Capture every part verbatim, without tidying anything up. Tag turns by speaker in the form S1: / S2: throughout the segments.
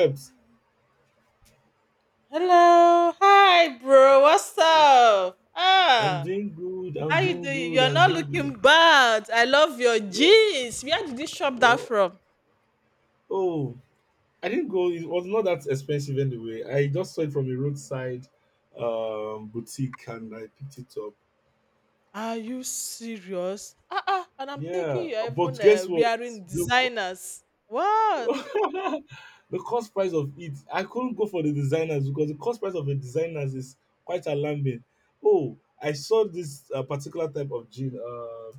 S1: Except
S2: Hello. Hi, bro. What's up?
S1: I'm
S2: Ah,
S1: doing good, I'm
S2: how you
S1: doing
S2: doing?
S1: good,
S2: You're
S1: I'm
S2: not
S1: doing good.
S2: looking bad. I love your
S1: Yeah.
S2: jeans. Where did you shop that
S1: Well,
S2: from?
S1: oh, I didn't go. It was not that expensive anyway. I just saw it from a roadside um, boutique and I picked it up.
S2: Are you serious? Ah, ah. And I'm thinking
S1: Yeah.
S2: you're
S1: But
S2: even
S1: guess
S2: uh,
S1: what?
S2: wearing
S1: Look
S2: designers. What?
S1: the cost price of it, I couldn't go for the designers because the cost price of a designers is quite alarming. Oh, I saw this uh, particular type of jean uh,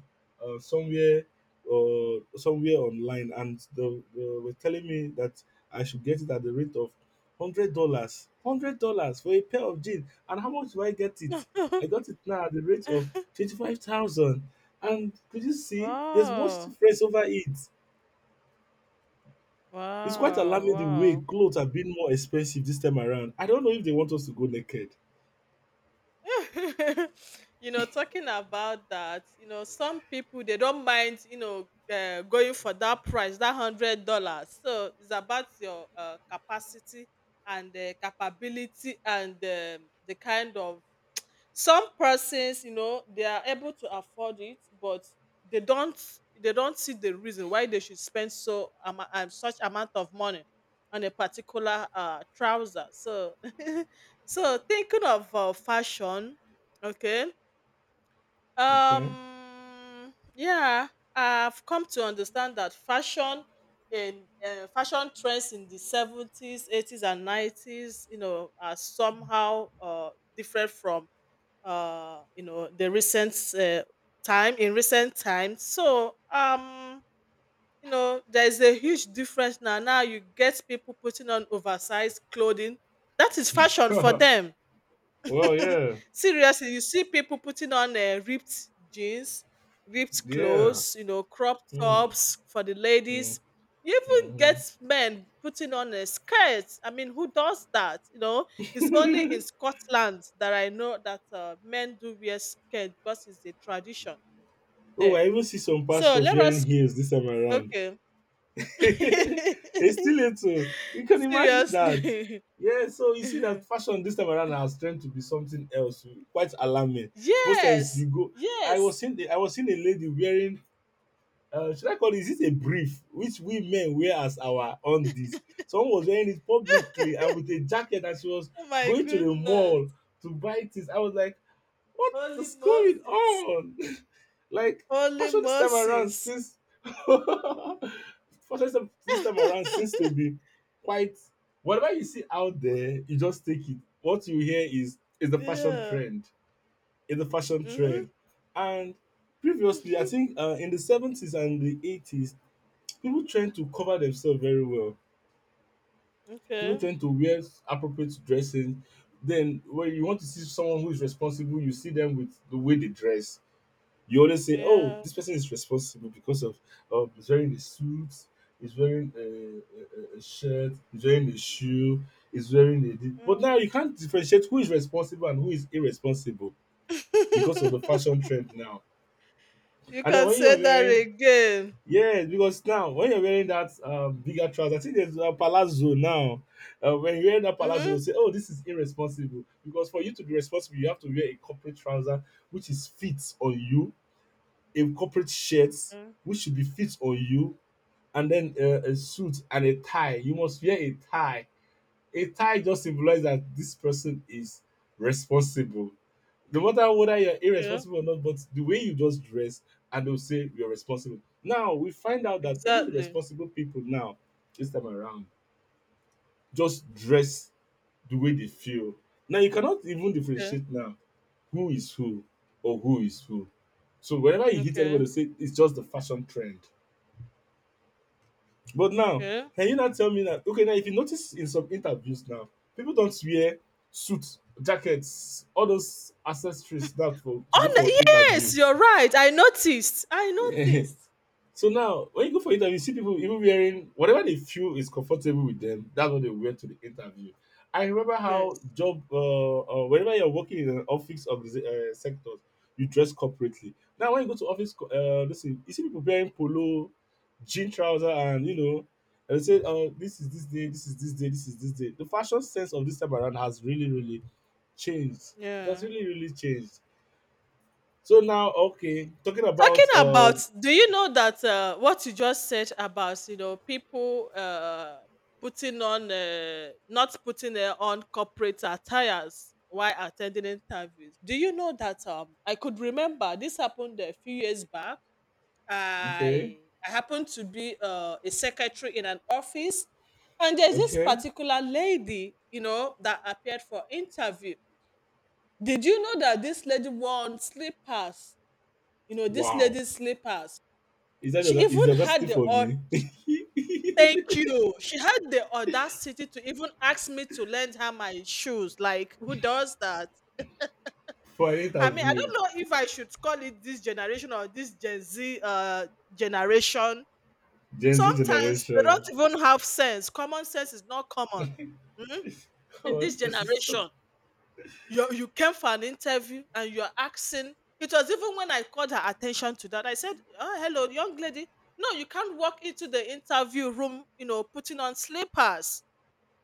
S1: uh, somewhere uh, somewhere online, and they, they were telling me that I should get it at the rate of hundred dollars, hundred dollars for a pair of jeans. And how much do I get it?
S2: Wow.
S1: I got it now at the rate of twenty five thousand. And could you see? There's much
S2: Wow.
S1: difference over it. It's quite
S2: Wow.
S1: alarming the way
S2: Wow.
S1: clothes have been more expensive this time around. I don't know if they want us to go naked.
S2: You know, talking about that, you know, some people they don't mind, you know, uh, going for that price, that hundred dollars. So it's about your uh, capacity and uh, capability and um the kind of some persons you know they are able to afford it but they don't they don't see the reason why they should spend so um, um, such amount of money on a particular uh, trouser so so thinking of uh, fashion. Okay.
S1: Okay.
S2: Um yeah I've come to understand that fashion in uh, fashion trends in the seventies eighties and nineties you know are somehow uh, different from uh you know the recent uh, time in recent times, so um you know there's a huge difference. Now now you get people putting on oversized clothing. That is fashion for
S1: Well,
S2: them.
S1: yeah,
S2: Seriously, you see people putting on uh, ripped jeans, ripped
S1: yeah.
S2: clothes, you know, crop
S1: Hmm.
S2: tops for the
S1: Hmm.
S2: ladies. You even
S1: Hmm.
S2: get men putting on a skirt. I mean, who does that? You know, it's only in Scotland that I know that uh, men do wear skirt, because it's a tradition
S1: Oh,
S2: there.
S1: I even see some
S2: So
S1: pastors
S2: let
S1: wearing
S2: us,
S1: heels this time around.
S2: okay.
S1: It's still little. You can imagine that.
S2: Seriously.
S1: Yeah, so you see that fashion this time around has turned to be something else, quite alarming. Most times you
S2: Yes,
S1: go, I
S2: yes.
S1: was seeing, the, I was seeing a lady wearing uh, should I call it, is it a brief which we men wear as our undies? Someone was wearing it publicly and with a jacket and she was
S2: Oh my
S1: going to the
S2: goodness.
S1: mall to buy things. I was like, what
S2: Holy
S1: is going
S2: Moses.
S1: on? Like,
S2: Holy
S1: fashion this time around
S2: Moses.
S1: seems fashion this this time around seems to be quite whatever you see out there, you just take it. What you hear is is the fashion
S2: Yeah.
S1: trend in the fashion
S2: Mhm.
S1: trend. And previously, I
S2: Mhm.
S1: think uh, in the seventies and the eighties, people tend to cover themselves very well. People
S2: Okay.
S1: tend to wear appropriate dressing. Then, when you want to see someone who is responsible, you see them with the way they dress. You always say, "Oh,
S2: Yeah.
S1: this person is responsible because of of he's wearing a suit, he's wearing a, a, a shirt, he's wearing a shoe, he's wearing a." thi-" But now
S2: Mm.
S1: you can't differentiate who is responsible and who is irresponsible because of the fashion trend now.
S2: You
S1: And then
S2: can
S1: when you're
S2: say that
S1: wearing,
S2: again.
S1: yes, because now when you're wearing that um, bigger trousers, I think there's a palazzo now. Uh, when you're wearing that palazzo, they'll
S2: Mhm.
S1: say, oh, this is irresponsible. Because for you to be responsible, you have to wear a corporate trouser which is fit on you, a corporate shirt
S2: Mm.
S1: which should be fit on you, and then uh, a suit and a tie. You must wear a tie. A tie just symbolizes that this person is responsible no matter whether you're
S2: Okay.
S1: irresponsible or not, but the way you just dress and they'll say you're responsible. Now we find out that even the
S2: Exactly.
S1: responsible people now, this time around, just dress the way they feel. Now you cannot even
S2: Okay.
S1: differentiate now who is who or who is who. So whenever you hit
S2: Okay.
S1: anybody, they say it's just the fashion trend. But now,
S2: Okay.
S1: can you not tell me that? Okay, now if you notice in some interviews now, people don't wear suits, jackets, all those accessories now for to go for
S2: Oh,
S1: interview.
S2: yes, you're right. I noticed. I noticed.
S1: So now, when you go for interview, you see people even wearing whatever they feel is comfortable with them. That's what they wear to the interview. I remember how
S2: Yes.
S1: job, uh, uh, whenever you're working in an office of uh, sectors, you dress corporately. Now, when you go to office, co- uh, listen, you see people wearing polo, jean trouser, and you know, and they say, "Oh, this is this day, this is this day, this is this day." The fashion sense of this time around has really, really changed. It has
S2: Yeah.
S1: really, really changed. So now, okay, talking about
S2: Talking about,
S1: um,
S2: do you know that uh, what you just said about you know people uh, putting on uh, not putting uh, on corporate attires while attending interviews? Do you know that um, I could remember this happened a few years back.
S1: okay,
S2: I I happened to be uh, a secretary in an office, and there's this
S1: okay.
S2: particular lady you know that appeared for interview. Did you know that this lady wore slippers? You know, this
S1: Wow.
S2: lady's slippers.
S1: Is that
S2: she
S1: the, is the
S2: even
S1: audacity
S2: had the
S1: for
S2: au
S1: me?
S2: thank you. She had the audacity to even ask me to lend her my shoes. Like, who does that?
S1: For an
S2: I mean, I
S1: interview.
S2: don't know if I should call it this generation or this Gen Z uh, generation.
S1: Gen Z
S2: Sometimes they don't
S1: generation.
S2: even have sense. Common sense is not common. Mhm. In this
S1: What's this?
S2: generation. you you came for an interview and you're asking. It was even when I called her attention to that, I said, oh, hello young lady, no, you can't walk into the interview room you know putting on slippers,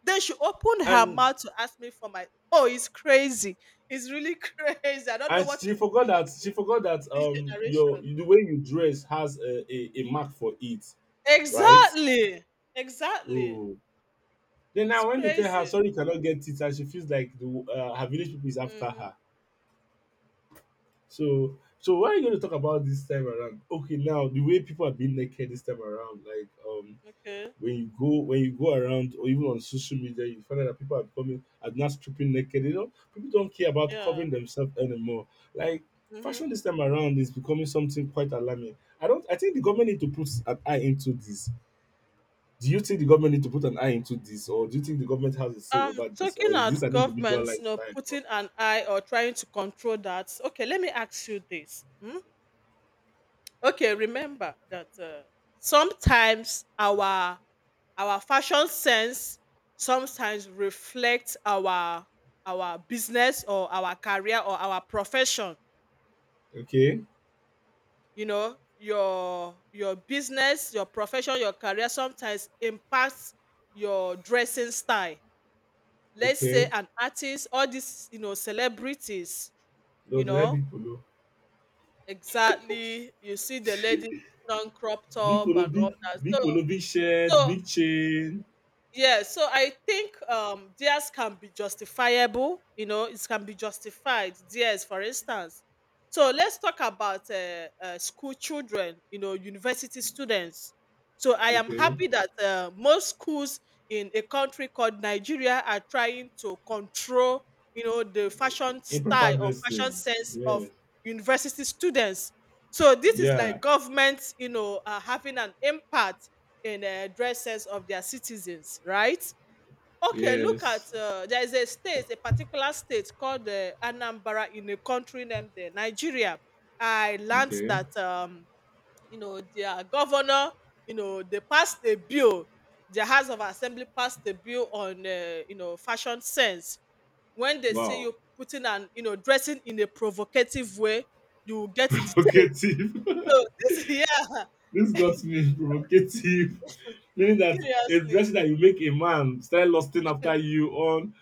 S2: then she opened her
S1: and
S2: mouth to ask me for my. Oh, it's crazy. It's really crazy. I don't know
S1: and
S2: what is
S1: she forgot
S2: happening
S1: that
S2: to
S1: she forgot that
S2: this
S1: um your
S2: generation.
S1: the way you dress has a, a, a mark for it, right?
S2: Exactly. Exactly.
S1: Oh. Then
S2: It's
S1: now when they tell her
S2: crazy.
S1: sorry you cannot get it and she feels like the uh, her village people is after
S2: Hmm.
S1: her. So so what are you going to talk about this time around? Okay, now the way people are being naked this time around, like um
S2: Okay.
S1: when you go when you go around or even on social media, you find out that people are coming are not stripping naked. You know, people don't care about
S2: Yeah.
S1: covering themselves anymore. Like
S2: Hmm.
S1: fashion this time around is becoming something quite alarming. I don't. I think the government need to put an eye into this. Do you think the government need to put an eye into this, or do you think the government has a say
S2: um
S1: over this, or
S2: talking
S1: is this
S2: at
S1: an individual
S2: governments, you know,
S1: lifestyle? Or-
S2: putting an eye or trying to control that. Okay, let me ask you this. Hmm? Okay, remember that uh, sometimes our our fashion sense sometimes reflects our our business or our career or our profession.
S1: Okay,
S2: You know your your business, your profession, your career sometimes impacts your dressing style. Let's say
S1: okay.
S2: an artist, all these you know celebrities,
S1: No,
S2: you
S1: they like
S2: know.
S1: big polo,
S2: Exactly. You see the ladies on crop
S1: big
S2: top
S1: polo,
S2: and
S1: big
S2: all that.
S1: big
S2: So
S1: polo, big shirt,
S2: so
S1: big chain.
S2: yeah, so I think um theirs can be justifiable, you know, it can be justified. Theirs, for instance. So let's talk about uh, uh, school children, you know, university students. So I am
S1: Okay,
S2: happy that uh, most schools in a country called Nigeria are trying to control, you know, the fashion
S1: improper
S2: style or fashion
S1: dressing.
S2: sense of
S1: Yeah,
S2: university students. So this is
S1: yeah.
S2: like government, you know, uh, having an impact in uh, dresses of their citizens, right? Okay, look at
S1: Yes.
S2: uh, there is a state, a particular state called uh, Anambra in a country named uh, Nigeria. I learned
S1: Okay.
S2: that um, you know their governor, you know, they passed a bill. The House of Assembly passed a bill on uh, you know fashion sense. When they see
S1: Wow.
S2: you putting an you know dressing in a provocative way, you will get detained.
S1: Provocative.
S2: So this yeah,
S1: This got me provocative. Meaning that a
S2: seriously.
S1: dressing that you make a man start lusting after you on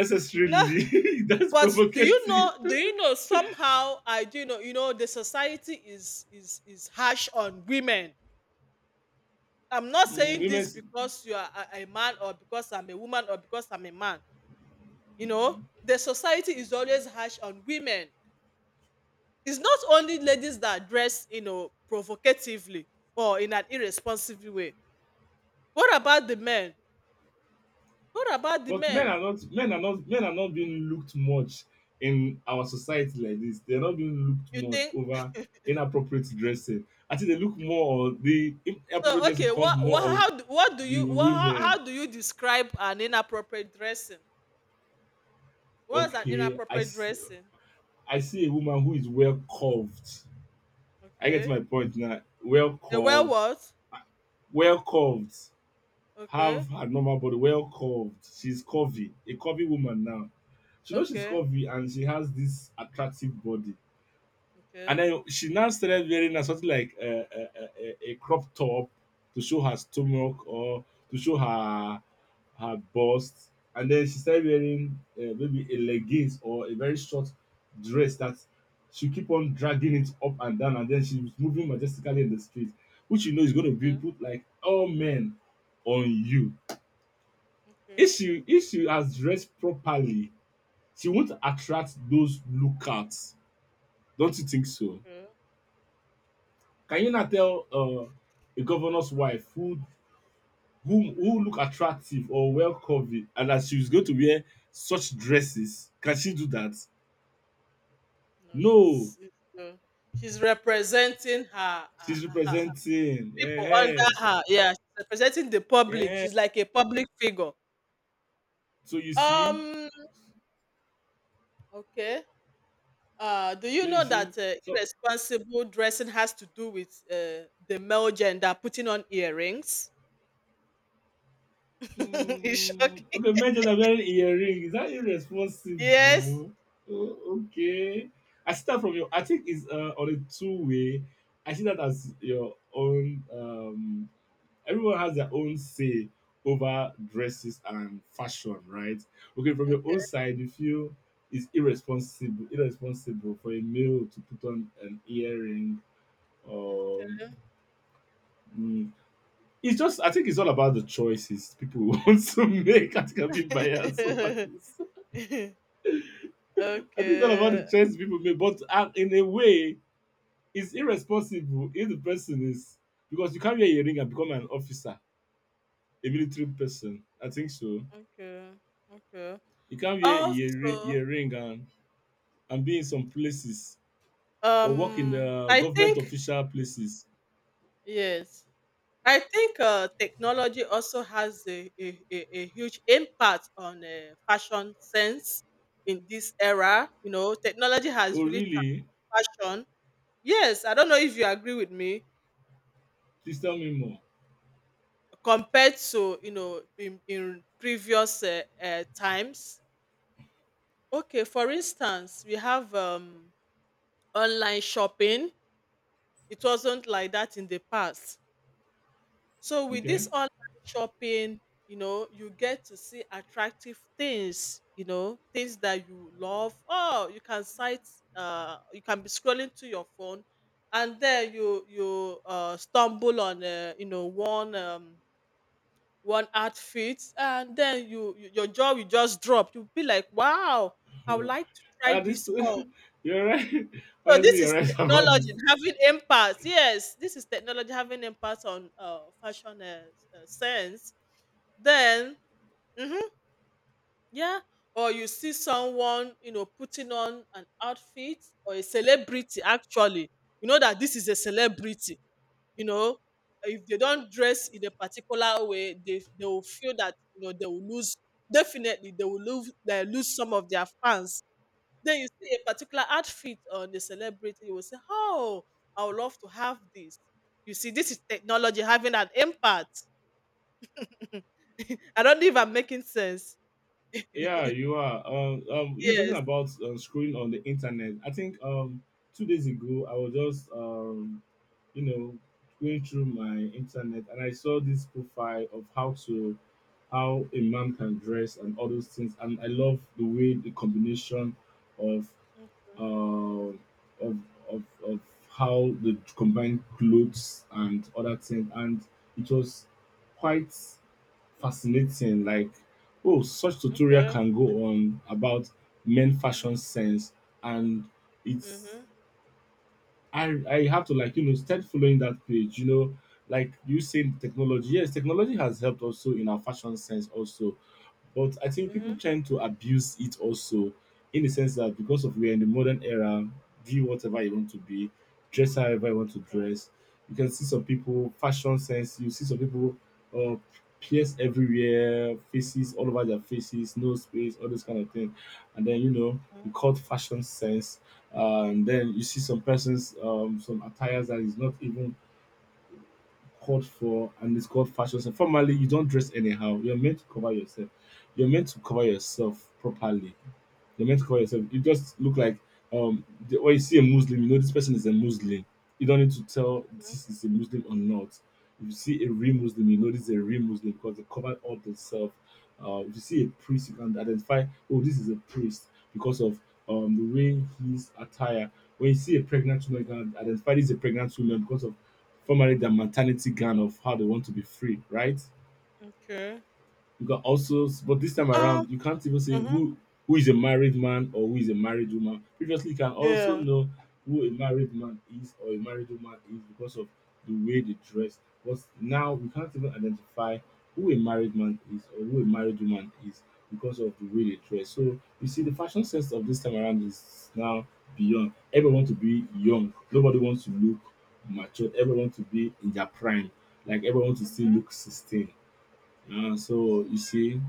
S2: No,
S1: That's
S2: but do you
S1: provocative.
S2: know, do you know somehow I do know, you know the society is is is harsh on women. I'm not
S1: Mm,
S2: saying
S1: women,
S2: this
S1: s-
S2: because you are a, a man, or because I'm a woman, or because I'm a man. You know the society is always harsh on women. It's not only ladies that dress you know provocatively or in an irresponsible way. What about the men? what about the
S1: but men
S2: men
S1: are not. Men are not. Men are not being looked much in our society like this. They're not being looked
S2: You
S1: much
S2: think
S1: over inappropriate dressing. I think they look more. On the inappropriate
S2: so?
S1: dressing
S2: Okay,
S1: comes
S2: what, what
S1: more of
S2: how do- what do
S1: the
S2: you what how,
S1: women.
S2: how do you describe an inappropriate dressing? What's an
S1: Okay, I
S2: inappropriate
S1: s-
S2: dressing?
S1: I see a woman who is well curved. I get
S2: Okay.
S1: my point now. Well
S2: They wear
S1: curved,
S2: what?
S1: well curved,
S2: Okay.
S1: have her normal body, well curved. She's curvy, a curvy woman now. She knows she's
S2: Okay.
S1: curvy and she has this attractive body. And
S2: Okay.
S1: then she now started wearing a something like a, a, a, a crop top to show her stomach or to show her her bust. And then she started wearing uh, maybe a leggings or a very short dress that she keep on dragging it up and down. And then she was moving majestically in the street, which you know is going to be
S2: Okay.
S1: put like all men on you. If
S2: Okay.
S1: she if she has dressed properly, she won't attract those lookouts. Don't you think so?
S2: Okay.
S1: Can you not tell uh, a governor's wife who who who look attractive or well covered and that she's going to wear such dresses? Can she do that?
S2: No,
S1: No,
S2: she's it's, uh, she's representing her, her,
S1: she's
S2: her, her
S1: representing.
S2: people under
S1: Yeah,
S2: her. Yeah, she's representing the public.
S1: yeah.
S2: She's like a public figure.
S1: So you see,
S2: Um. Okay. Uh, do
S1: so
S2: you
S1: you
S2: know
S1: see.
S2: that uh,
S1: So
S2: irresponsible dressing has to do with uh, the male gender putting on earrings? Is shock.
S1: mm, okay, men that are wearing earring is that
S2: Yes.
S1: irresponsible? Oh, okay, I see that from your. I think it's uh, on a two way. I see that as your own. Um, everyone has their own say over dresses and fashion, right? Okay, from your own side, you feel it's irresponsible, irresponsible for a male to put on an earring. Um, mm, it's just I think it's all about the choices people want to make. I think I'm being biased over
S2: Okay.
S1: this. I think it's all about
S2: Okay,
S1: the choices people make, but uh, in a way, it's irresponsible if the person is because you can't wear a ring and become an officer, a military person. I think so.
S2: okay, okay.
S1: You can't wear earri-
S2: Also,
S1: earring and, and be in some places or work in
S2: um,
S1: uh,
S2: I
S1: government
S2: think
S1: official places.
S2: yes, I think uh, technology also has a, a, a, a huge impact on uh, fashion sense in this era. You know, technology has
S1: Oh,
S2: really
S1: really?
S2: transformed fashion. Yes, I don't know if you agree with me
S1: Please tell me more.
S2: compared to you know in, in previous uh, uh, times. Okay, for instance, we have um online shopping. It wasn't like that in the past. So with
S1: Okay.
S2: this online shopping, you know, you get to see attractive things, you know, things that you love. Oh, you can sight, uh, you can be scrolling to your phone, and then you you uh, stumble on, uh, you know, one um, one outfit, and then you, you your jaw will just drop. You'll be like, wow, I would like to try
S1: Yeah, this,
S2: this on.
S1: You're right.
S2: So
S1: Honestly,
S2: this
S1: you're
S2: is
S1: right about this.
S2: technology having impact. Yes, this is technology having impact on uh, fashion uh, uh, sense. Then, mhm, yeah, or you see someone, you know, putting on an outfit or a celebrity. Actually, you know that this is a celebrity. You know, if they don't dress in a particular way, they they will feel that you know they will lose. Definitely, they will lose. They lose some of their fans. Then you see a particular outfit on the celebrity, you will say, "Oh, I would love to have this." You see, this is technology having an impact. I don't know if I'm making sense.
S1: Yeah, you are. Um, um, you were talking
S2: Yes.
S1: about uh, scrolling on the internet. I think um, two days ago I was just um, you know, going through my internet and I saw this profile of how to how a man can dress and all those things. And I love the way the combination of
S2: Mhm.
S1: um of of of how the combined clothes and other things. And it was quite fascinating like oh such tutorial
S2: Okay.
S1: can go on about men fashion
S2: Mhm.
S1: sense. and it's
S2: Mhm.
S1: i i have to like you know start following that page you know like you say technology, yes, technology has helped also in our fashion sense also, but I think people tend to abuse it also in the sense that because of we're in the modern era, be whatever you want to be, dress however you want
S2: Mhm.
S1: to
S2: Okay.
S1: dress. You can see some people fashion sense. You see some people uh, pierce everywhere, faces all over their faces, no space, all those kind of thing. And then you know you
S2: Mhm.
S1: call it fashion sense. Uh, and then you see some persons, um, some attires that is not even called for and it's called fashion sense. Formally, you don't dress anyhow. You're meant to cover yourself. You're meant to cover yourself properly. You're meant to cover yourself. You just look like um the, when you see a Muslim, you know this person is a Muslim. You don't need to tell this is a Muslim or not. If you see a real Muslim, you know this is a real Muslim because they covered all themselves. Uh, if you see a priest, you can identify, oh, this is a priest because of um the way his attire. When you see a pregnant woman, you can identify this is a pregnant woman because of formally their maternity gown of how they want to be free, right?
S2: Okay.
S1: You can also, but this time
S2: Um.
S1: around, you can't even say
S2: Mhm.
S1: who who is a married man or who is a married woman. Previously, you can also
S2: Yeah.
S1: know who a married man is or a married woman is because of the way they dress. But now we can't even identify who a married man is or who a married woman is because of the way they dress. So you see, the fashion sense of this time around is now beyond. Everyone wants to be young. Nobody wants to look mature. Everyone wants to be in their prime. Like everyone wants to still
S2: Mhm.
S1: look sixteen. Uh, so you see,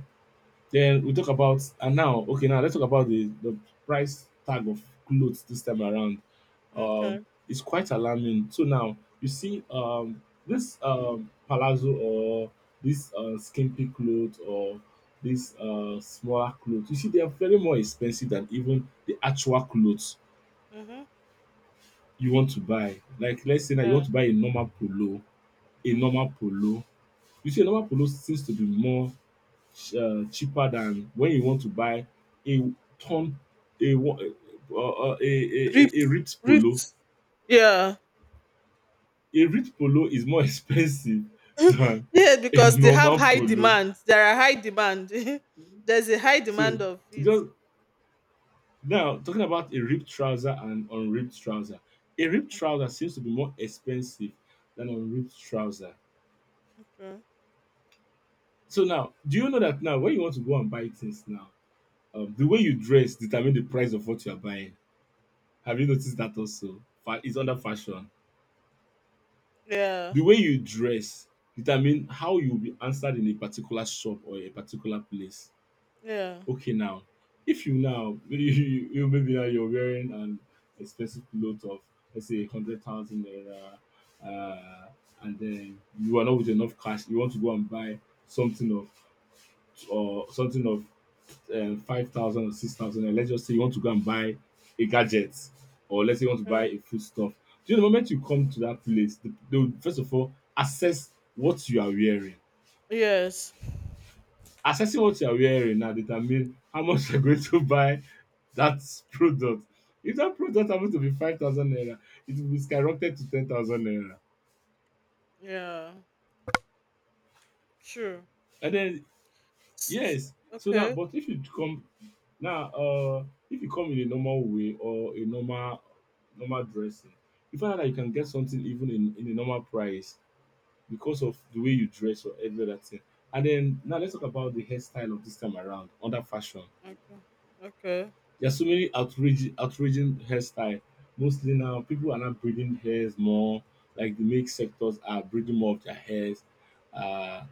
S1: then we talk about and now, okay, now let's talk about the the price tag of clothes this time around. Um,
S2: Okay.
S1: it's quite alarming. So now you see, um, this um palazzo or this uh, skimpy clothes or this uh smaller clothes, you see they are very more expensive than even the actual clothes
S2: Mhm.
S1: you want to buy. Like let's say that you
S2: Yeah.
S1: want to buy a normal polo, a
S2: Mhm.
S1: normal polo. You see, a normal polo seems to be more uh, cheaper than when you want to buy a ton a uh, uh, uh, a, a, a
S2: Ripped.
S1: a ripped polo.
S2: Ripped. Yeah.
S1: A ripped polo is more expensive than
S2: Yeah,
S1: a
S2: because they have
S1: normal
S2: high
S1: polo.
S2: demand. There are high demand. There's a high
S1: So
S2: demand of
S1: it
S2: it.
S1: just now talking about a ripped trouser and unripped trouser. A ripped trouser seems to be more expensive than unripped trouser.
S2: Mm.
S1: So now, do you know that now when you want to go and buy things now, um, the way you dress determine the price of what you are buying. Have you noticed that also? Fa- It's under fashion.
S2: Yeah.
S1: The way you dress determine how you'll be answered in a particular shop or a particular place.
S2: Yeah.
S1: Okay now, if you now maybe you you maybe now you're wearing an expensive cloth of, let's say, hundred thousand naira, um and then you are not with enough cash, you want to go and buy something of or something of um, five thousand or six thousand, and let's just say you want to go and buy a gadget, or let's say you want to buy
S2: Mm.
S1: a foodstuff, do you know, the moment you come
S2: Mhm.
S1: to that place, they, they will first of all assess what you are wearing.
S2: Yes.
S1: Assessing what you are wearing now determine how much you're going to buy that product. If that product happens to be five thousand naira, it will be skyrocketed to ten thousand naira.
S2: Yeah. True.
S1: And then
S2: S-
S1: yes. So now,
S2: Okay.
S1: but if you come now, uh, if you come in a normal way or a normal normal dressing, you find out that you can get something even in, in a normal price because of the way you dress or every other thing. And then now let's talk about the hairstyle of this time around under fashion.
S2: Okay. Okay.
S1: There are so many outrage outraging hairstyle. Mostly now, people are not breeding hairs more. Like the make sectors are breeding more of their hairs. Uh,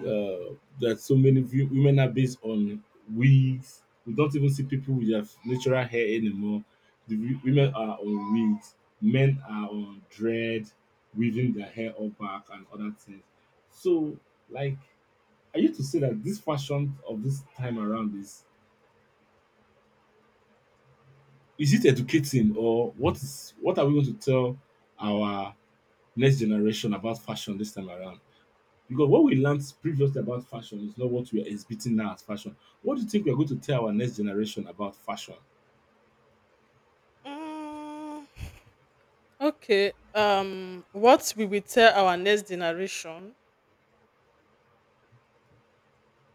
S1: uh, there so many wi- women are based on wigs. We don't even see people with their natural hair anymore. The wi- women are
S2: Mhm.
S1: on wigs. Men are on dread, weaving their hair up back and other things. So, like, are you to say that this fashion of this time around is— Is it educating or what is what are we going to tell our next generation about fashion this time around? Because what we learned previously about fashion is not what we are exhibiting now as fashion. What do you think we are going to tell our next generation about fashion?
S2: Mm. Okay. Um, what will we tell our next generation?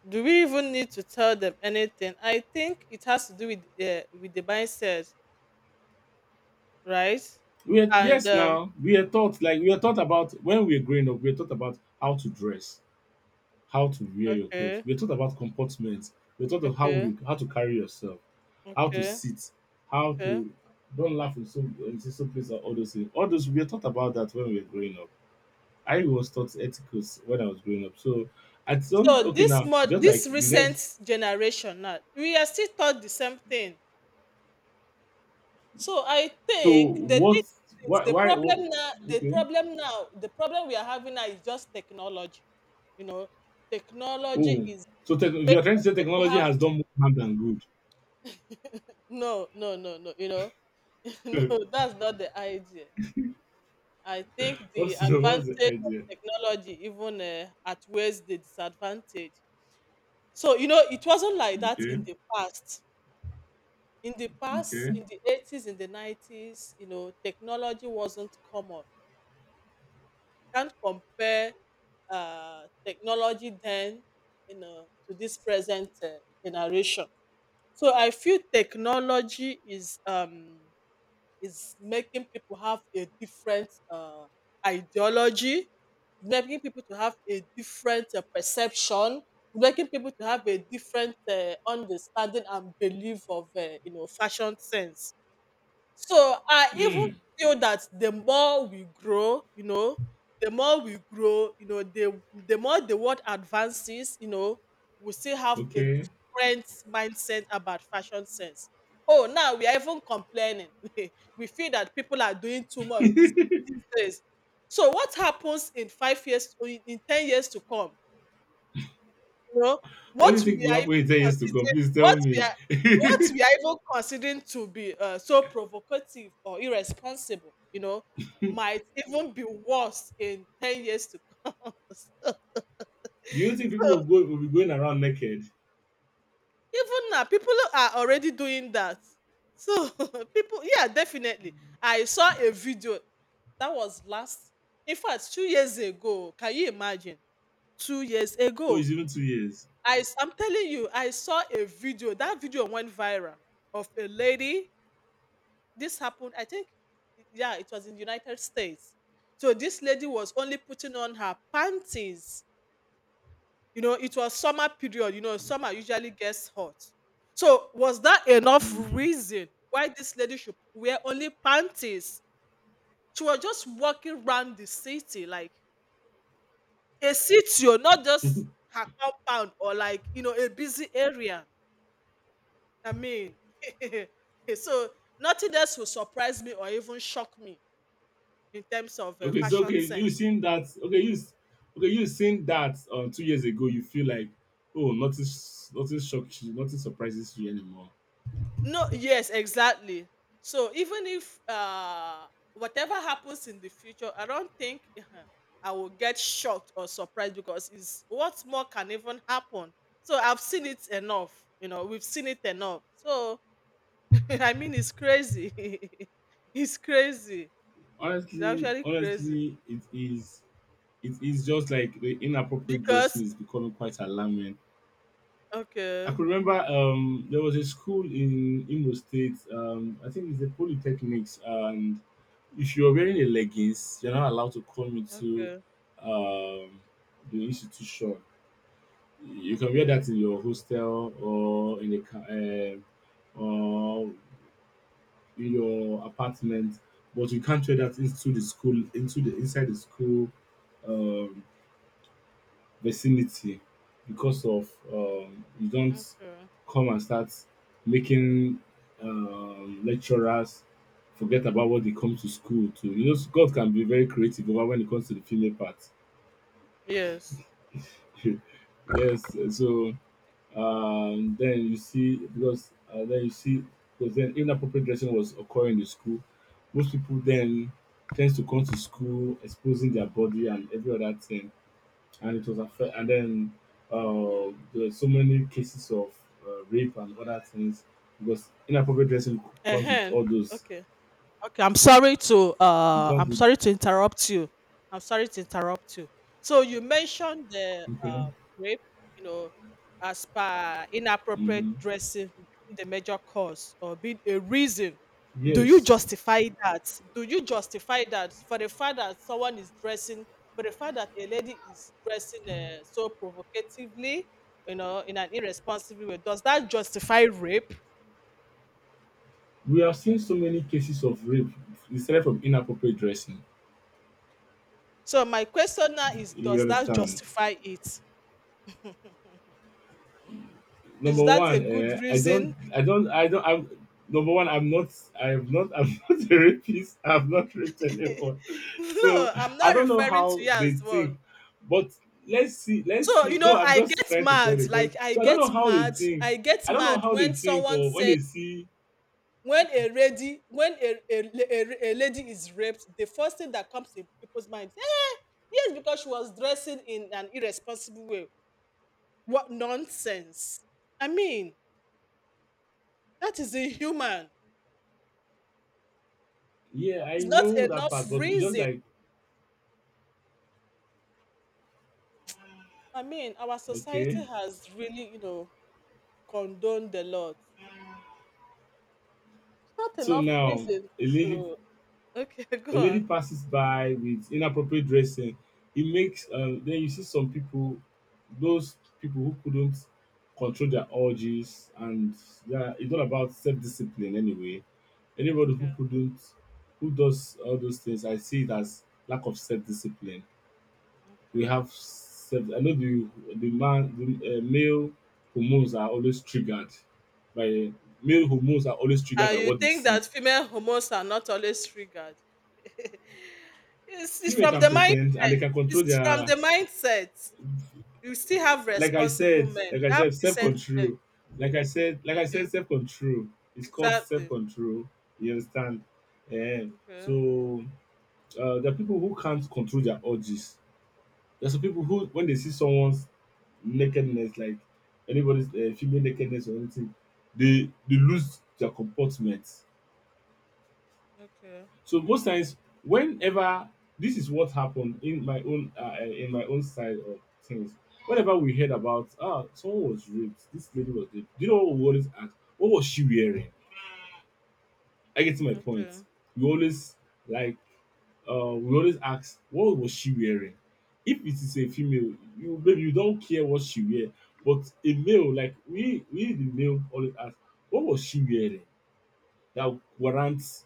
S2: Do we even need to tell them anything? I think it has to do with uh, with the mindset, right?
S1: We are
S2: And
S1: yes
S2: um,
S1: now, we are taught like we are taught about when we are growing up, we are taught about how to dress, how to wear your clothes,
S2: okay,
S1: we are taught about comportment, we are taught of how
S2: okay,
S1: we how to carry yourself. How to
S2: okay,
S1: sit, how
S2: okay.
S1: to don't laugh in some in some place and all those things. All those we were taught about that when we were growing up. I was taught ethicals when I was growing up. So at some,
S2: So
S1: okay,
S2: this
S1: now,
S2: mod
S1: just like
S2: this
S1: the next
S2: recent generation now, we are still taught the same thing. So I
S1: to
S2: think the thing
S1: what
S2: is
S1: why
S2: the
S1: why
S2: problem
S1: oh,
S2: now the
S1: okay.
S2: problem now the problem we are having now is just technology. You know, technology
S1: Oh
S2: is
S1: so tech, you are trying to
S2: making
S1: say
S2: people
S1: technology
S2: have
S1: has done more harm than
S2: no no no no you know no,
S1: good.
S2: that's not the idea. I think the
S1: What's the what's the
S2: advantage of
S1: idea?
S2: technology even uh, outweighs the disadvantage. So you know it wasn't like that
S1: Okay.
S2: in the past in the past,
S1: Okay.
S2: in the eighties, in the nineties, you know, technology wasn't common. Can't compare uh, technology then, you know, to this present uh, generation. So I feel technology is um, is making people have a different uh, ideology, making people to have a different uh, perception, making people to have a different uh, understanding and belief of uh, you know fashion sense. So I even
S1: Hmm.
S2: feel that the more we grow, you know, the more we grow, you know, the the more the world advances, you know, we still have a
S1: Okay.
S2: different mindset about fashion sense. Oh, now we are even complaining. We feel that people are doing too much these, these days. So what happens in five years, in in ten years to come? You know,
S1: What do you
S2: what
S1: think
S2: we
S1: will
S2: are even
S1: happen in ten years to come?
S2: considering
S1: Please tell
S2: what we
S1: me.
S2: are what we are even considering to be uh, so provocative or irresponsible, you know, might even be worse in ten years to come. so,
S1: Do you think people will
S2: so
S1: go will be going around naked?
S2: even now, people are already doing that. So people, yeah, definitely. I saw a video that was last, in fact, two years ago. Can you imagine? Two years
S1: Oh,
S2: ago,
S1: it's even two years.
S2: I s- I'm telling you, I saw a video. That video went viral, of a lady. This happened, I think, yeah, it was in the United States. So this lady was only putting on her panties. You know, it was summer period. You know, summer usually gets hot. So was that enough
S1: Hmm.
S2: reason why this lady should wear only panties? She was just walking around the city, like a city, or not just her compound or like you know a busy area. I mean, so nothing else will surprise me or even shock me in terms of uh,
S1: Okay, so
S2: fashion
S1: okay, you
S2: sense.
S1: seen that? Okay, you s- okay, you seen that um, two years ago. You feel like oh, nothing, s- nothing shocks you, nothing surprises you anymore.
S2: No, yes, exactly. So even if uh, whatever happens in the future, I don't think I will get shocked or surprised because it's what more can even happen. So I've seen it enough. You know, we've seen it enough. So I mean, it's crazy. It's crazy. It's
S1: Honestly,
S2: actually crazy
S1: honestly, it is. It is just like the inappropriate dressing
S2: because
S1: is becoming quite alarming. I
S2: okay,
S1: could remember um, there was a school in Imo State. Um, I think it's a polytechnics, and if you're wearing a leggings, you're not allowed to come into
S2: okay,
S1: um, the institution. You can wear that
S2: okay.
S1: in your hostel or in a car um or in your apartment, but you can't wear that into the school into the inside the school um vicinity because of um you don't
S2: Okay.
S1: come and start making um lecturers forget about what they come to school to. You know, God can be very creative over when it comes to the female part.
S2: Yes.
S1: Yes, so um, then you see because uh, then you see because then inappropriate dressing was occurring in the school. Most people then tends to come to school exposing their body and every other thing, and it was affect. And then uh, there were so many cases of uh, rape and other things because inappropriate dressing comes with
S2: Ehen.
S1: all those.
S2: Okay. Okay. I'm sorry to
S1: It
S2: uh
S1: comes
S2: I'm
S1: with—
S2: sorry to interrupt you. I'm sorry to interrupt you. So you mentioned the
S1: Okay.
S2: uh rape, you know, as per
S1: Hmm.
S2: inappropriate dressing being the major cause or being a reason. Do you
S1: Yes,
S2: justify that? Do you justify that for the fact that someone is dressing, for the fact that a lady is dressing uh, so provocatively, you know, in an irresponsible way? Does that justify rape?
S1: we have seen so many cases of rape. It started from inappropriate dressing.
S2: So my question now is,
S1: You
S2: does that
S1: understand?
S2: justify it? Is
S1: Number
S2: that a
S1: one,
S2: good
S1: eh, I don't,
S2: reason?
S1: I don't, I don't. I'm number one. I'm not. I'm not. I'm not a rapist. I've not raped anyone. So
S2: No, I'm
S1: I
S2: not
S1: don't know
S2: referring to
S1: how
S2: you
S1: they
S2: as one.
S1: think, but let's see. Let's
S2: So, you
S1: see.
S2: know,
S1: No, I'm
S2: I
S1: just
S2: get
S1: trying to clear
S2: mad.
S1: the
S2: Like
S1: question.
S2: I
S1: So I don't know
S2: get
S1: how they
S2: mad.
S1: think.
S2: I get
S1: I don't know
S2: mad
S1: how they
S2: when
S1: think
S2: someone
S1: or when
S2: says
S1: they see.
S2: when a lady when a, a, a, a lady is raped, the first thing that comes in people's minds, "Eh, yes, because she was dressing in an irresponsible way. What nonsense. I mean, that is inhuman.
S1: Yeah, I
S2: It's not
S1: know that
S2: enough
S1: part, but it's just
S2: reason.
S1: like
S2: I mean, our
S1: okay.
S2: society has really, you know, condoned a lot. It's not
S1: So
S2: enough
S1: now,
S2: reason
S1: a lady—
S2: to. Okay,
S1: A
S2: go
S1: lady
S2: on.
S1: passes by with inappropriate dressing. It makes um, then you see some people, those people who couldn't control their urges, and yeah, it's all about self-discipline anyway. Anybody who
S2: Okay,
S1: couldn't, who does all those things, I see it as lack of self-discipline. We
S2: okay.
S1: have self. I know the the man, the uh, male hormones are always triggered by male hormones are always
S2: Uh,
S1: triggered by
S2: you
S1: what they
S2: think
S1: see.
S2: that female hormones are not always triggered? it's, it's
S1: Female
S2: from
S1: can
S2: the
S1: pretend and they
S2: mindset.
S1: can control
S2: It's from
S1: their—
S2: the mindset. You still have
S1: like I
S2: responsible
S1: said,
S2: men.
S1: Like I
S2: You have
S1: said, self
S2: decent men.
S1: control. Like I said, like I
S2: Okay,
S1: said, self control. It's called self
S2: exactly.
S1: control. You understand? And
S2: Okay,
S1: so uh, there are people who can't control their urges. There's some people who, when they see someone's nakedness, like anybody's uh, female nakedness or anything, they they lose their comportment.
S2: okay,
S1: So most times, whenever— this is what happened in my own uh, eh, in my own side of things. Whenever we heard about ah someone was raped, this lady was raped. Do you know what we always ask? What was she wearing? I get to my point.
S2: okay,
S1: We always like uh, we always ask what was she wearing. If it is a female, you maybe you don't care what she wear, but a male like we we the male always ask what was she wearing that warrants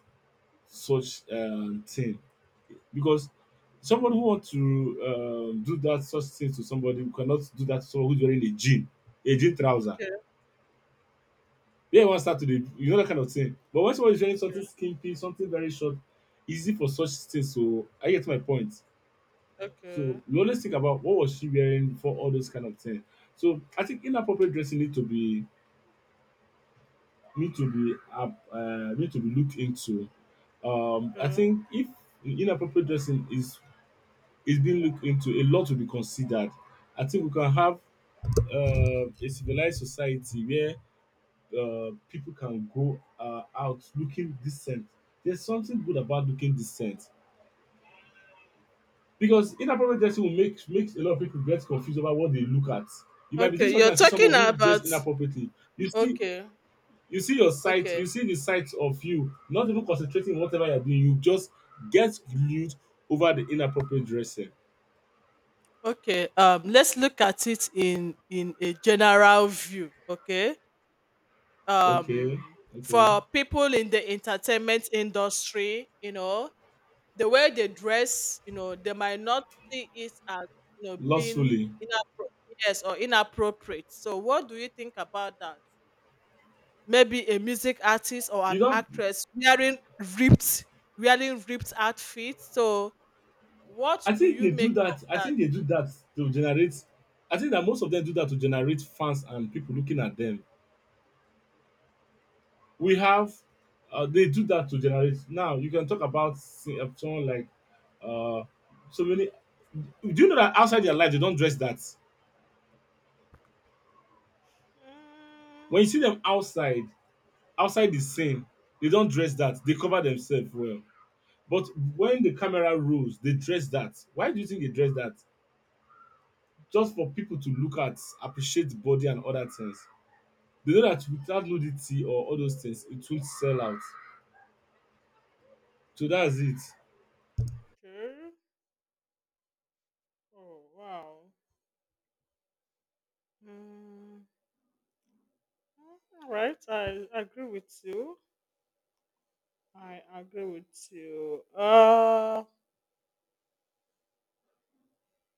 S1: such um, thing because somebody who wants to um, do that such thing to somebody who cannot do that to someone who's wearing a jean, a jean trouser.
S2: okay,
S1: Yeah, one start to the you know that kind of thing. But when somebody's wearing something skimpy, something very short, easy for such things. So I get my point.
S2: okay,
S1: So
S2: okay,
S1: we always think about what was she wearing for all those kind of things. So I think inappropriate dressing need to be need to be uh, uh, need to be looked into. Um, I
S2: okay.
S1: think if inappropriate dressing is is being looked into, a lot to be considered. I think we can have um a civilized society where um people can go uh, out looking decent. There's something good about looking decent because inappropriate dressing will make makes a lot of people get confused about what they look at. You might be doing
S2: Okay,
S1: something
S2: you're
S1: and see somebody
S2: talking
S1: who
S2: about.
S1: dressed inappropriately. You see,
S2: Okay,
S1: you see your sight, you
S2: okay.
S1: see the sight of you, not even concentrating on whatever you're doing. You just get glued over the inappropriate dressing.
S2: Okay, um, let's look at it in in a general view. Okay,
S1: Okay,
S2: um,
S1: okay,
S2: for people in the entertainment industry, you know, the way they dress, you know, they might not see it as you know being
S1: lustfully.
S2: inappro- yes or inappropriate. So, what do you think about that? Maybe a music artist or
S1: You
S2: an
S1: don't
S2: actress wearing ripped wearing ripped outfits. So, what
S1: I
S2: do
S1: think they
S2: you
S1: do
S2: make of
S1: that I
S2: that?
S1: think they do that to generate I think that most of them do that to generate fans and people looking at them. We have uh, They do that to generate. Now you can talk about, say, uh, someone like uh so many. Do you know that outside their life they don't dress that?
S2: Hmm,
S1: When you see them outside, outside the scene, they don't dress that. They cover themselves well, but when the camera rolls they dress that. Why do you think they dress that? Just for people to look at, appreciate the body and other things. They know that without nudity or all those things, it would sell out. So that's it.
S2: okay. Oh wow. Mm, all right, I agree with you. I agree with you. Uh,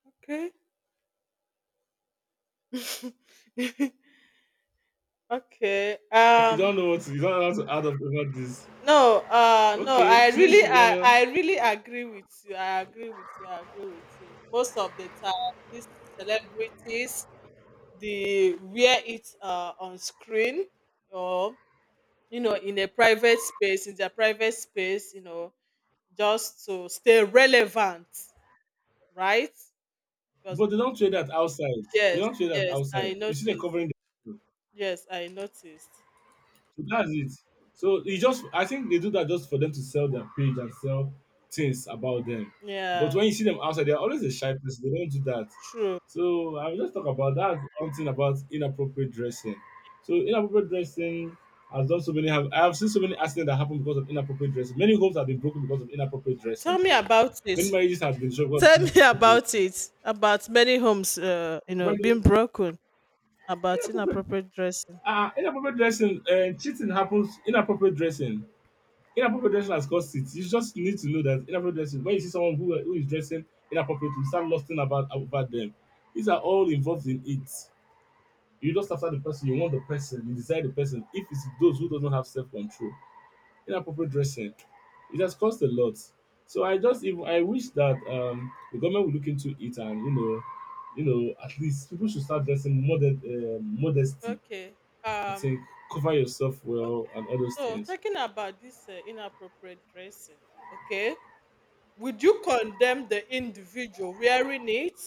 S2: okay. Okay.
S1: Like you
S2: Um,
S1: don't know what to, you don't know how to add up over this.
S2: no. Uh, no.
S1: Okay,
S2: I
S1: since
S2: really,
S1: you
S2: I,
S1: don't know,
S2: I really agree with you. I agree with you. I agree with you. Most of the time, these celebrities, they wear it uh on screen or you know in a private space in their private space, you know just to stay relevant, right? Because
S1: but they don't trade that outside. They
S2: yes,
S1: don't trade that
S2: yes, I
S1: outside. You see, they're
S2: noticed.
S1: covering. The.
S2: Yes, I noticed.
S1: So that's it. So you just I think they do that just for them to sell their page and sell things about them. But
S2: Yeah,
S1: when you see them outside, they're always a shy person. They don't do that.
S2: true.
S1: So I will just talk about that one thing about inappropriate dressing. So inappropriate dressing has done so many, have I have seen so many accidents that happen because of inappropriate dressing. Many homes have been broken because of inappropriate dressing.
S2: Tell me about it.
S1: Many marriages have been destroyed
S2: Tell
S1: because of
S2: me
S1: inappropriate
S2: about
S1: dressing.
S2: it. About many homes, uh, you know,
S1: When
S2: being broken about
S1: inappropriate
S2: inappropriate dressing.
S1: uh, inappropriate dressing, uh, cheating happens, inappropriate dressing. Inappropriate dressing has caused it. You just need to know that inappropriate dressing, when you see someone who, who is dressing inappropriately, you start lusting about, about them. These are all involved in it. You just after the person, you want the person, you desire the person. If it's those who doesn't have self-control, inappropriate dressing, it has cost a lot. So I just even I wish that um the government would look into it and you know, you know, at least people should start dressing modest, uh, modesty.
S2: Okay.
S1: I think
S2: Um.
S1: cover yourself well
S2: Okay.
S1: and all those
S2: So
S1: things.
S2: talking about this uh, inappropriate dressing. Okay. Would you condemn the individual wearing it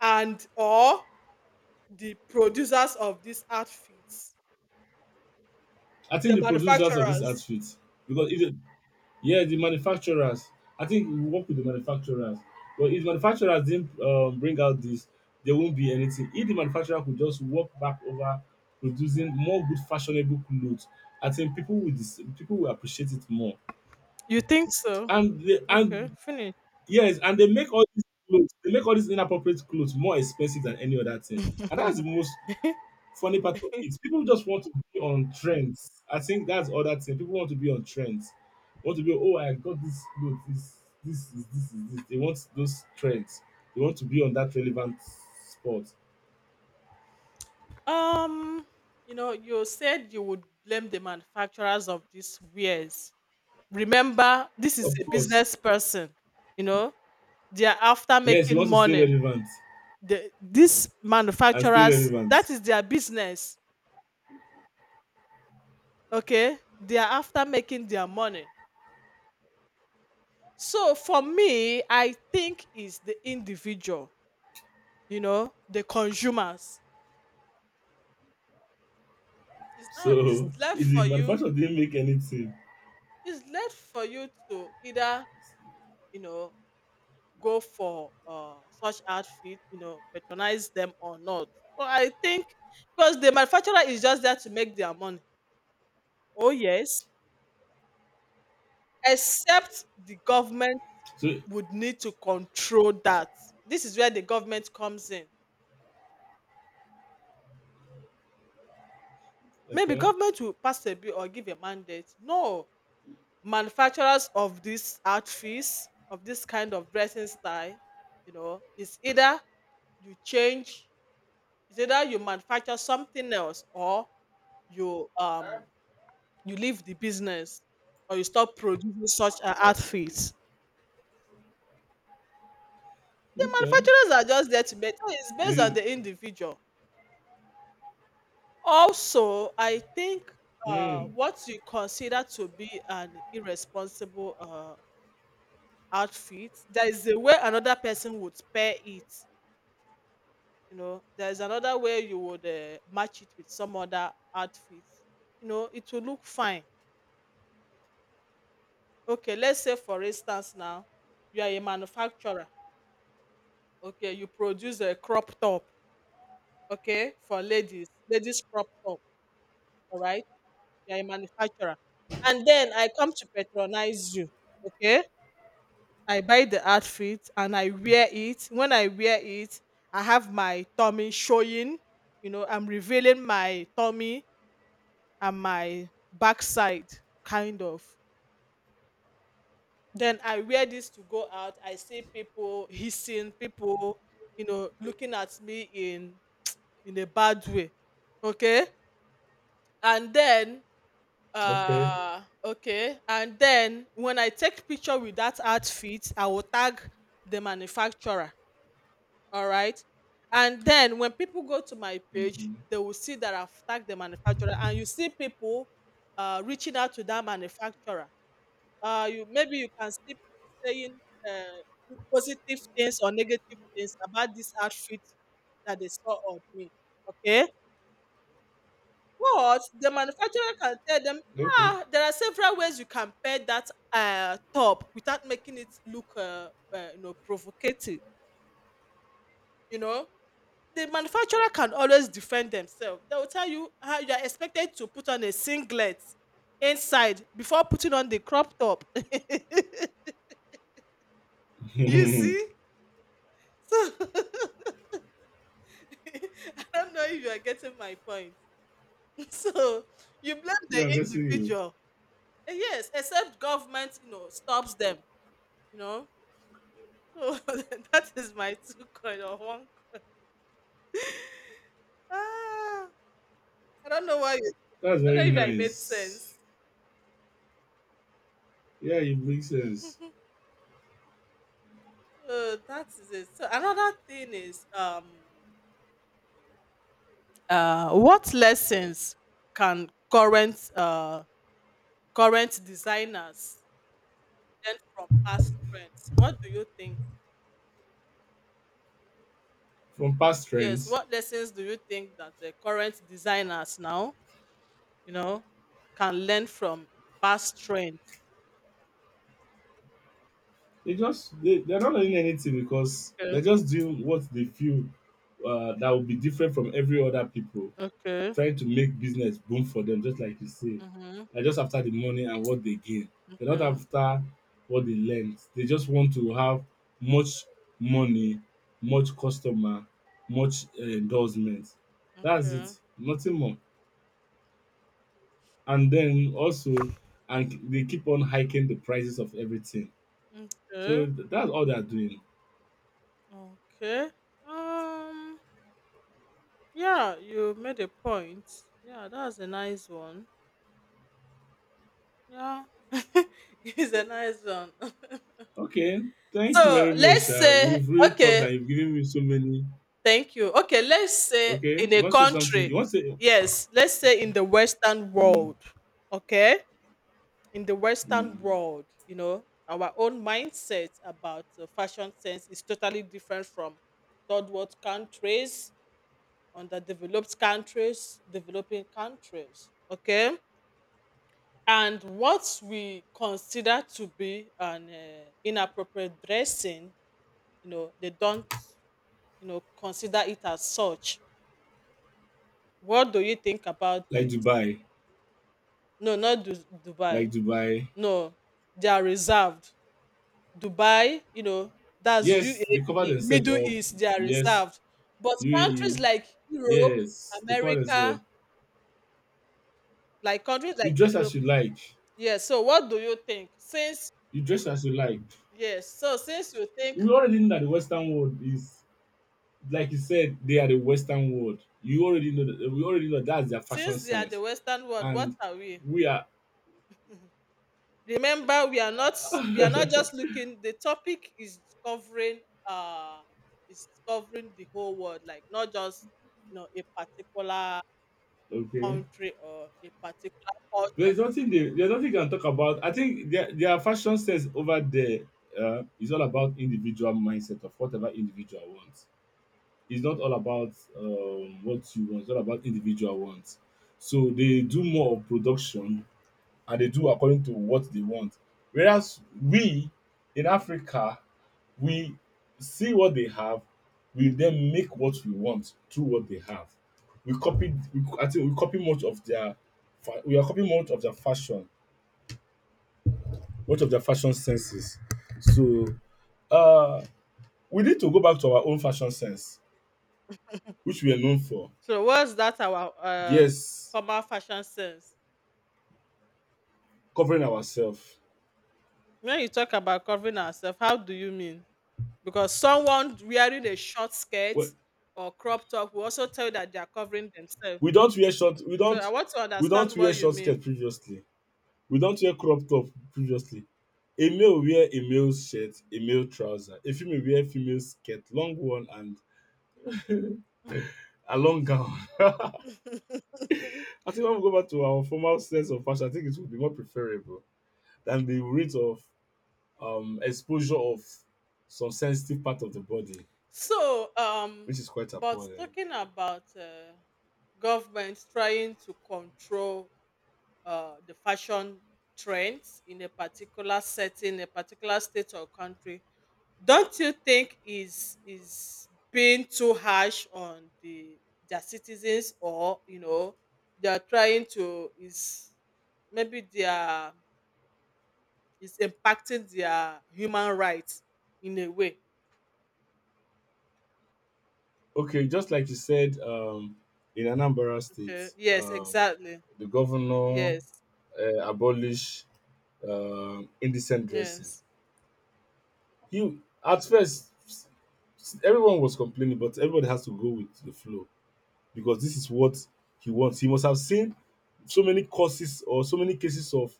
S2: and or the producers of these outfits,
S1: I think
S2: the
S1: the producers of this
S2: manufacturers.
S1: outfit, because if the, yeah, the manufacturers, I think we work with the manufacturers. But if manufacturers didn't um, bring out this, there won't be anything. If the manufacturer could just walk back over producing more good fashionable clothes, I think people will dis- people will appreciate it more.
S2: You think so?
S1: And they,
S2: Okay,
S1: and
S2: finish.
S1: yes, and they make all these clothes, they make all these inappropriate clothes more expensive than any other thing. And that's the most funny part of it, people just want to be on trends. I think that's other thing. People want to be on trends. Want to be, oh, I got this look, this this is this is this. They want those trends. They want to be on that relevant spot.
S2: Um, you know, you said you would blame the manufacturers of these wares. Remember, this is
S1: Of
S2: a
S1: course.
S2: business person. You know, they are after
S1: Yes, you
S2: making
S1: want to stay
S2: money.
S1: relevant
S2: The, these
S1: and stay
S2: manufacturers,
S1: relevant.
S2: that is their business. Okay, they are after making their money. So for me, I think it's the individual, you know, the consumers. It's not, it's
S1: So
S2: left
S1: if
S2: for
S1: the
S2: you,
S1: manufacturer didn't make anything.
S2: it's left for you to either, you know, go for uh, such outfit, you know, patronize them or not. So I think because the manufacturer is just there to make their money. Oh yes, except the government
S1: So
S2: would need to control that. This is where the government comes in. Maybe
S1: okay.
S2: government will pass a bill or give a mandate. No, manufacturers of these outfits, of this kind of dressing style, you know, is either you change, is either you manufacture something else or you um you leave the business or you stop producing such uh, outfits. The
S1: Okay.
S2: manufacturers are just there to make, so it's based on
S1: Really,
S2: the individual. Also, I think uh,
S1: mm,
S2: what you consider to be an irresponsible uh, outfit, there is a way another person would pair it, you know, there's another way you would uh, match it with some other outfit, you know it will look fine. Okay, let's say for instance now you are a manufacturer. Okay, you produce a crop top, okay, for ladies, ladies crop top, all right, you're a manufacturer, and then I come to patronize you. Okay, I buy the outfit and I wear it. When I wear it, I have my tummy showing, you know, I'm revealing my tummy and my backside, kind of. Then I wear this to go out, I see people hissing, people, you know, looking at me in in a bad way. Okay, and then
S1: okay.
S2: uh okay, and then when I take picture with that outfit, I will tag the manufacturer, all right, and then when people go to my page,
S1: Hmm.
S2: they will see that I've tagged the manufacturer, and you see people uh reaching out to that manufacturer. Uh, you maybe you can see people saying uh, positive things or negative things about this outfit that they saw on me. Okay, but the manufacturer can tell them,
S1: Okay.
S2: ah, there are several ways you can pair that uh, top without making it look, uh, uh, you know, provocative. You know, the manufacturer can always defend themselves. They will tell you how you are expected to put on a singlet inside before putting on the crop top. You see. So I don't know if you are getting my point. So you blame the
S1: Yeah, I'm guessing you.
S2: individual. Eh, yes, except government, you know, stops them, you know. So that is my two coin or one coin. Ah, I don't know why you,
S1: That's
S2: I
S1: very
S2: don't know if I made
S1: nice.
S2: sense.
S1: Yeah, it makes sense.
S2: So that is it. So another thing is um uh what lessons can current uh current designers learn from past trends? What do you think?
S1: From past
S2: Yes,
S1: trends,
S2: what lessons do you think that uh, current designers now, you know, can learn from past trends?
S1: they just they, they're not learning anything because they're
S2: Okay.
S1: just doing what they feel uh, that will be different from every other people,
S2: Okay.
S1: trying to make business boom for them, just like you say.
S2: Mm-hmm.
S1: They're just after the money and what they gain. They're not
S2: Okay.
S1: after what they learned. They just want to have much money, much customer, much uh, endorsement. That's
S2: Okay.
S1: it. Nothing more. And then also, and they keep on hiking the prices of everything. So
S2: Okay.
S1: th- that's all they're doing.
S2: Okay. Um. Yeah, you made a point. Yeah, that's a nice one. Yeah, it's a nice one.
S1: Okay, thank you very
S2: So
S1: much.
S2: let's
S1: Uh,
S2: say
S1: we've really talked
S2: okay.
S1: and you've given me so many.
S2: Thank you. Okay, let's say
S1: Okay,
S2: in
S1: you
S2: a
S1: want to say something?
S2: country.
S1: You want to say,
S2: Yes, let's say in the Western
S1: mm,
S2: world. Okay, in the Western
S1: mm,
S2: world, you know, our own mindset about uh, fashion sense is totally different from third world countries, underdeveloped countries, developing countries. Okay, and what we consider to be an uh, inappropriate dressing, you know, they don't, you know, consider it as such. What do you think about
S1: like
S2: this?
S1: Dubai,
S2: No, not Du-
S1: like
S2: Dubai.
S1: Dubai.
S2: No, they are reserved. Dubai, you know, that's
S1: Yes, they cover
S2: U A E,
S1: themselves
S2: Middle
S1: up.
S2: East, they are
S1: Yes,
S2: reserved. But countries
S1: U A E.
S2: like Europe,
S1: Yes, they cover themselves.
S2: America, like countries
S1: You
S2: like
S1: dress as
S2: Europe,
S1: you like.
S2: yes. So, what do you think? Since,
S1: You dress as you like.
S2: yes, so since you think,
S1: We already know that the Western world is, like you said, they are the Western world. You already know that. We already know that's their fashion
S2: since they are the
S1: sense,
S2: Western world, what
S1: and
S2: are we?
S1: we are
S2: Remember, we are not, we are not just looking. The topic is covering uh is covering the whole world, like not just you know a particular
S1: okay.
S2: country or a particular culture.
S1: There's nothing they there's nothing you can talk about. I think their their fashion sense over there uh, is all about individual mindset of whatever individual wants. It's not all about um, what you want. It's all about individual wants. So they do more of production and they do according to what they want. Whereas we in Africa, we see what they have, we then make what we want through what they have. We copied, we, co- I think we copy much of their, fa- we are copying much of their fashion, much of their fashion senses. So uh, we need to go back to our own fashion sense, which we are known for.
S2: So what's that our uh
S1: Yes,
S2: formal fashion sense?
S1: covering ourselves.
S2: When you talk about covering ourselves, how do you mean? Because someone wearing a short skirt
S1: We,
S2: or crop top will also tell you that they are covering themselves.
S1: we don't wear short, we
S2: So I
S1: don't,
S2: want to
S1: we don't
S2: understand
S1: wear
S2: what you
S1: short skirt
S2: mean.
S1: previously. We don't wear crop top previously. A male wear a male shirt, a male trouser. A female wear female skirt, long one and a long gown. I think when we go back to our formal sense of fashion, I think it would be more preferable than the rate of um, exposure of some sensitive part of the body,
S2: So, um,
S1: which is quite
S2: but
S1: appalling.
S2: talking about uh, government trying to control uh, the fashion trends in a particular setting, a particular state or country, don't you think is is being too harsh on the their citizens, or you know they are trying to is maybe they are is impacting their human rights in a way.
S1: Okay, just like you said, um, in Anambra
S2: Okay.
S1: State,
S2: Yes,
S1: um,
S2: exactly.
S1: the governor
S2: Yes.
S1: uh, abolished um indecent dressing.
S2: Yes.
S1: You at first s- everyone was complaining, but everybody has to go with the flow because this is what he wants. He must have seen so many causes or so many cases of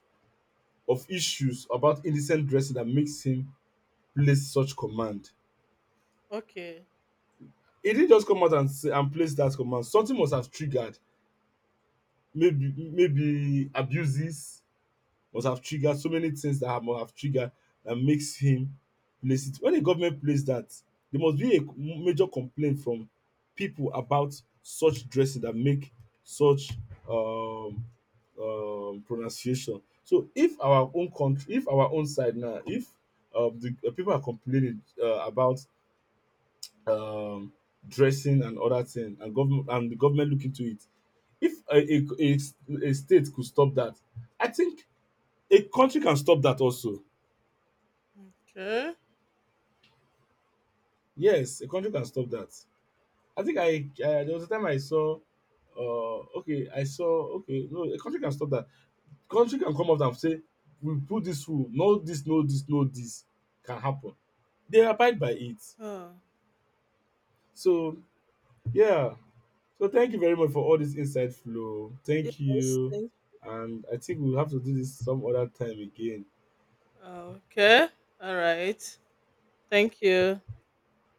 S1: of issues about indecent dressing that makes him place such command.
S2: Okay.
S1: He didn't just come out and say and place that command. Something must have triggered, maybe maybe abuses must have triggered so many things that have, must have triggered, that makes him place it. When the government plays that, there must be a major complaint from people about such dressing that make such um, um, pronunciation. So if our own country, if our own side now, if uh, the uh, people are complaining uh, about um, dressing and other thing, and government and the government look into it, if a, a, a, a state could stop that, I think a country can stop that also.
S2: Okay.
S1: Yes, a country can stop that. I think I uh, there was a time I saw. Uh, okay, I saw. Okay, no, A country can stop that. Country can come out and say, "We put this rule. No, this, no, this, no, this can happen." They abide by it.
S2: Oh.
S1: So yeah. So thank you very much for all this inside flow. Thank
S2: Yes.
S1: you,
S2: Thank.
S1: and I think we'll have to do this some other time again.
S2: Okay. All right. Thank you.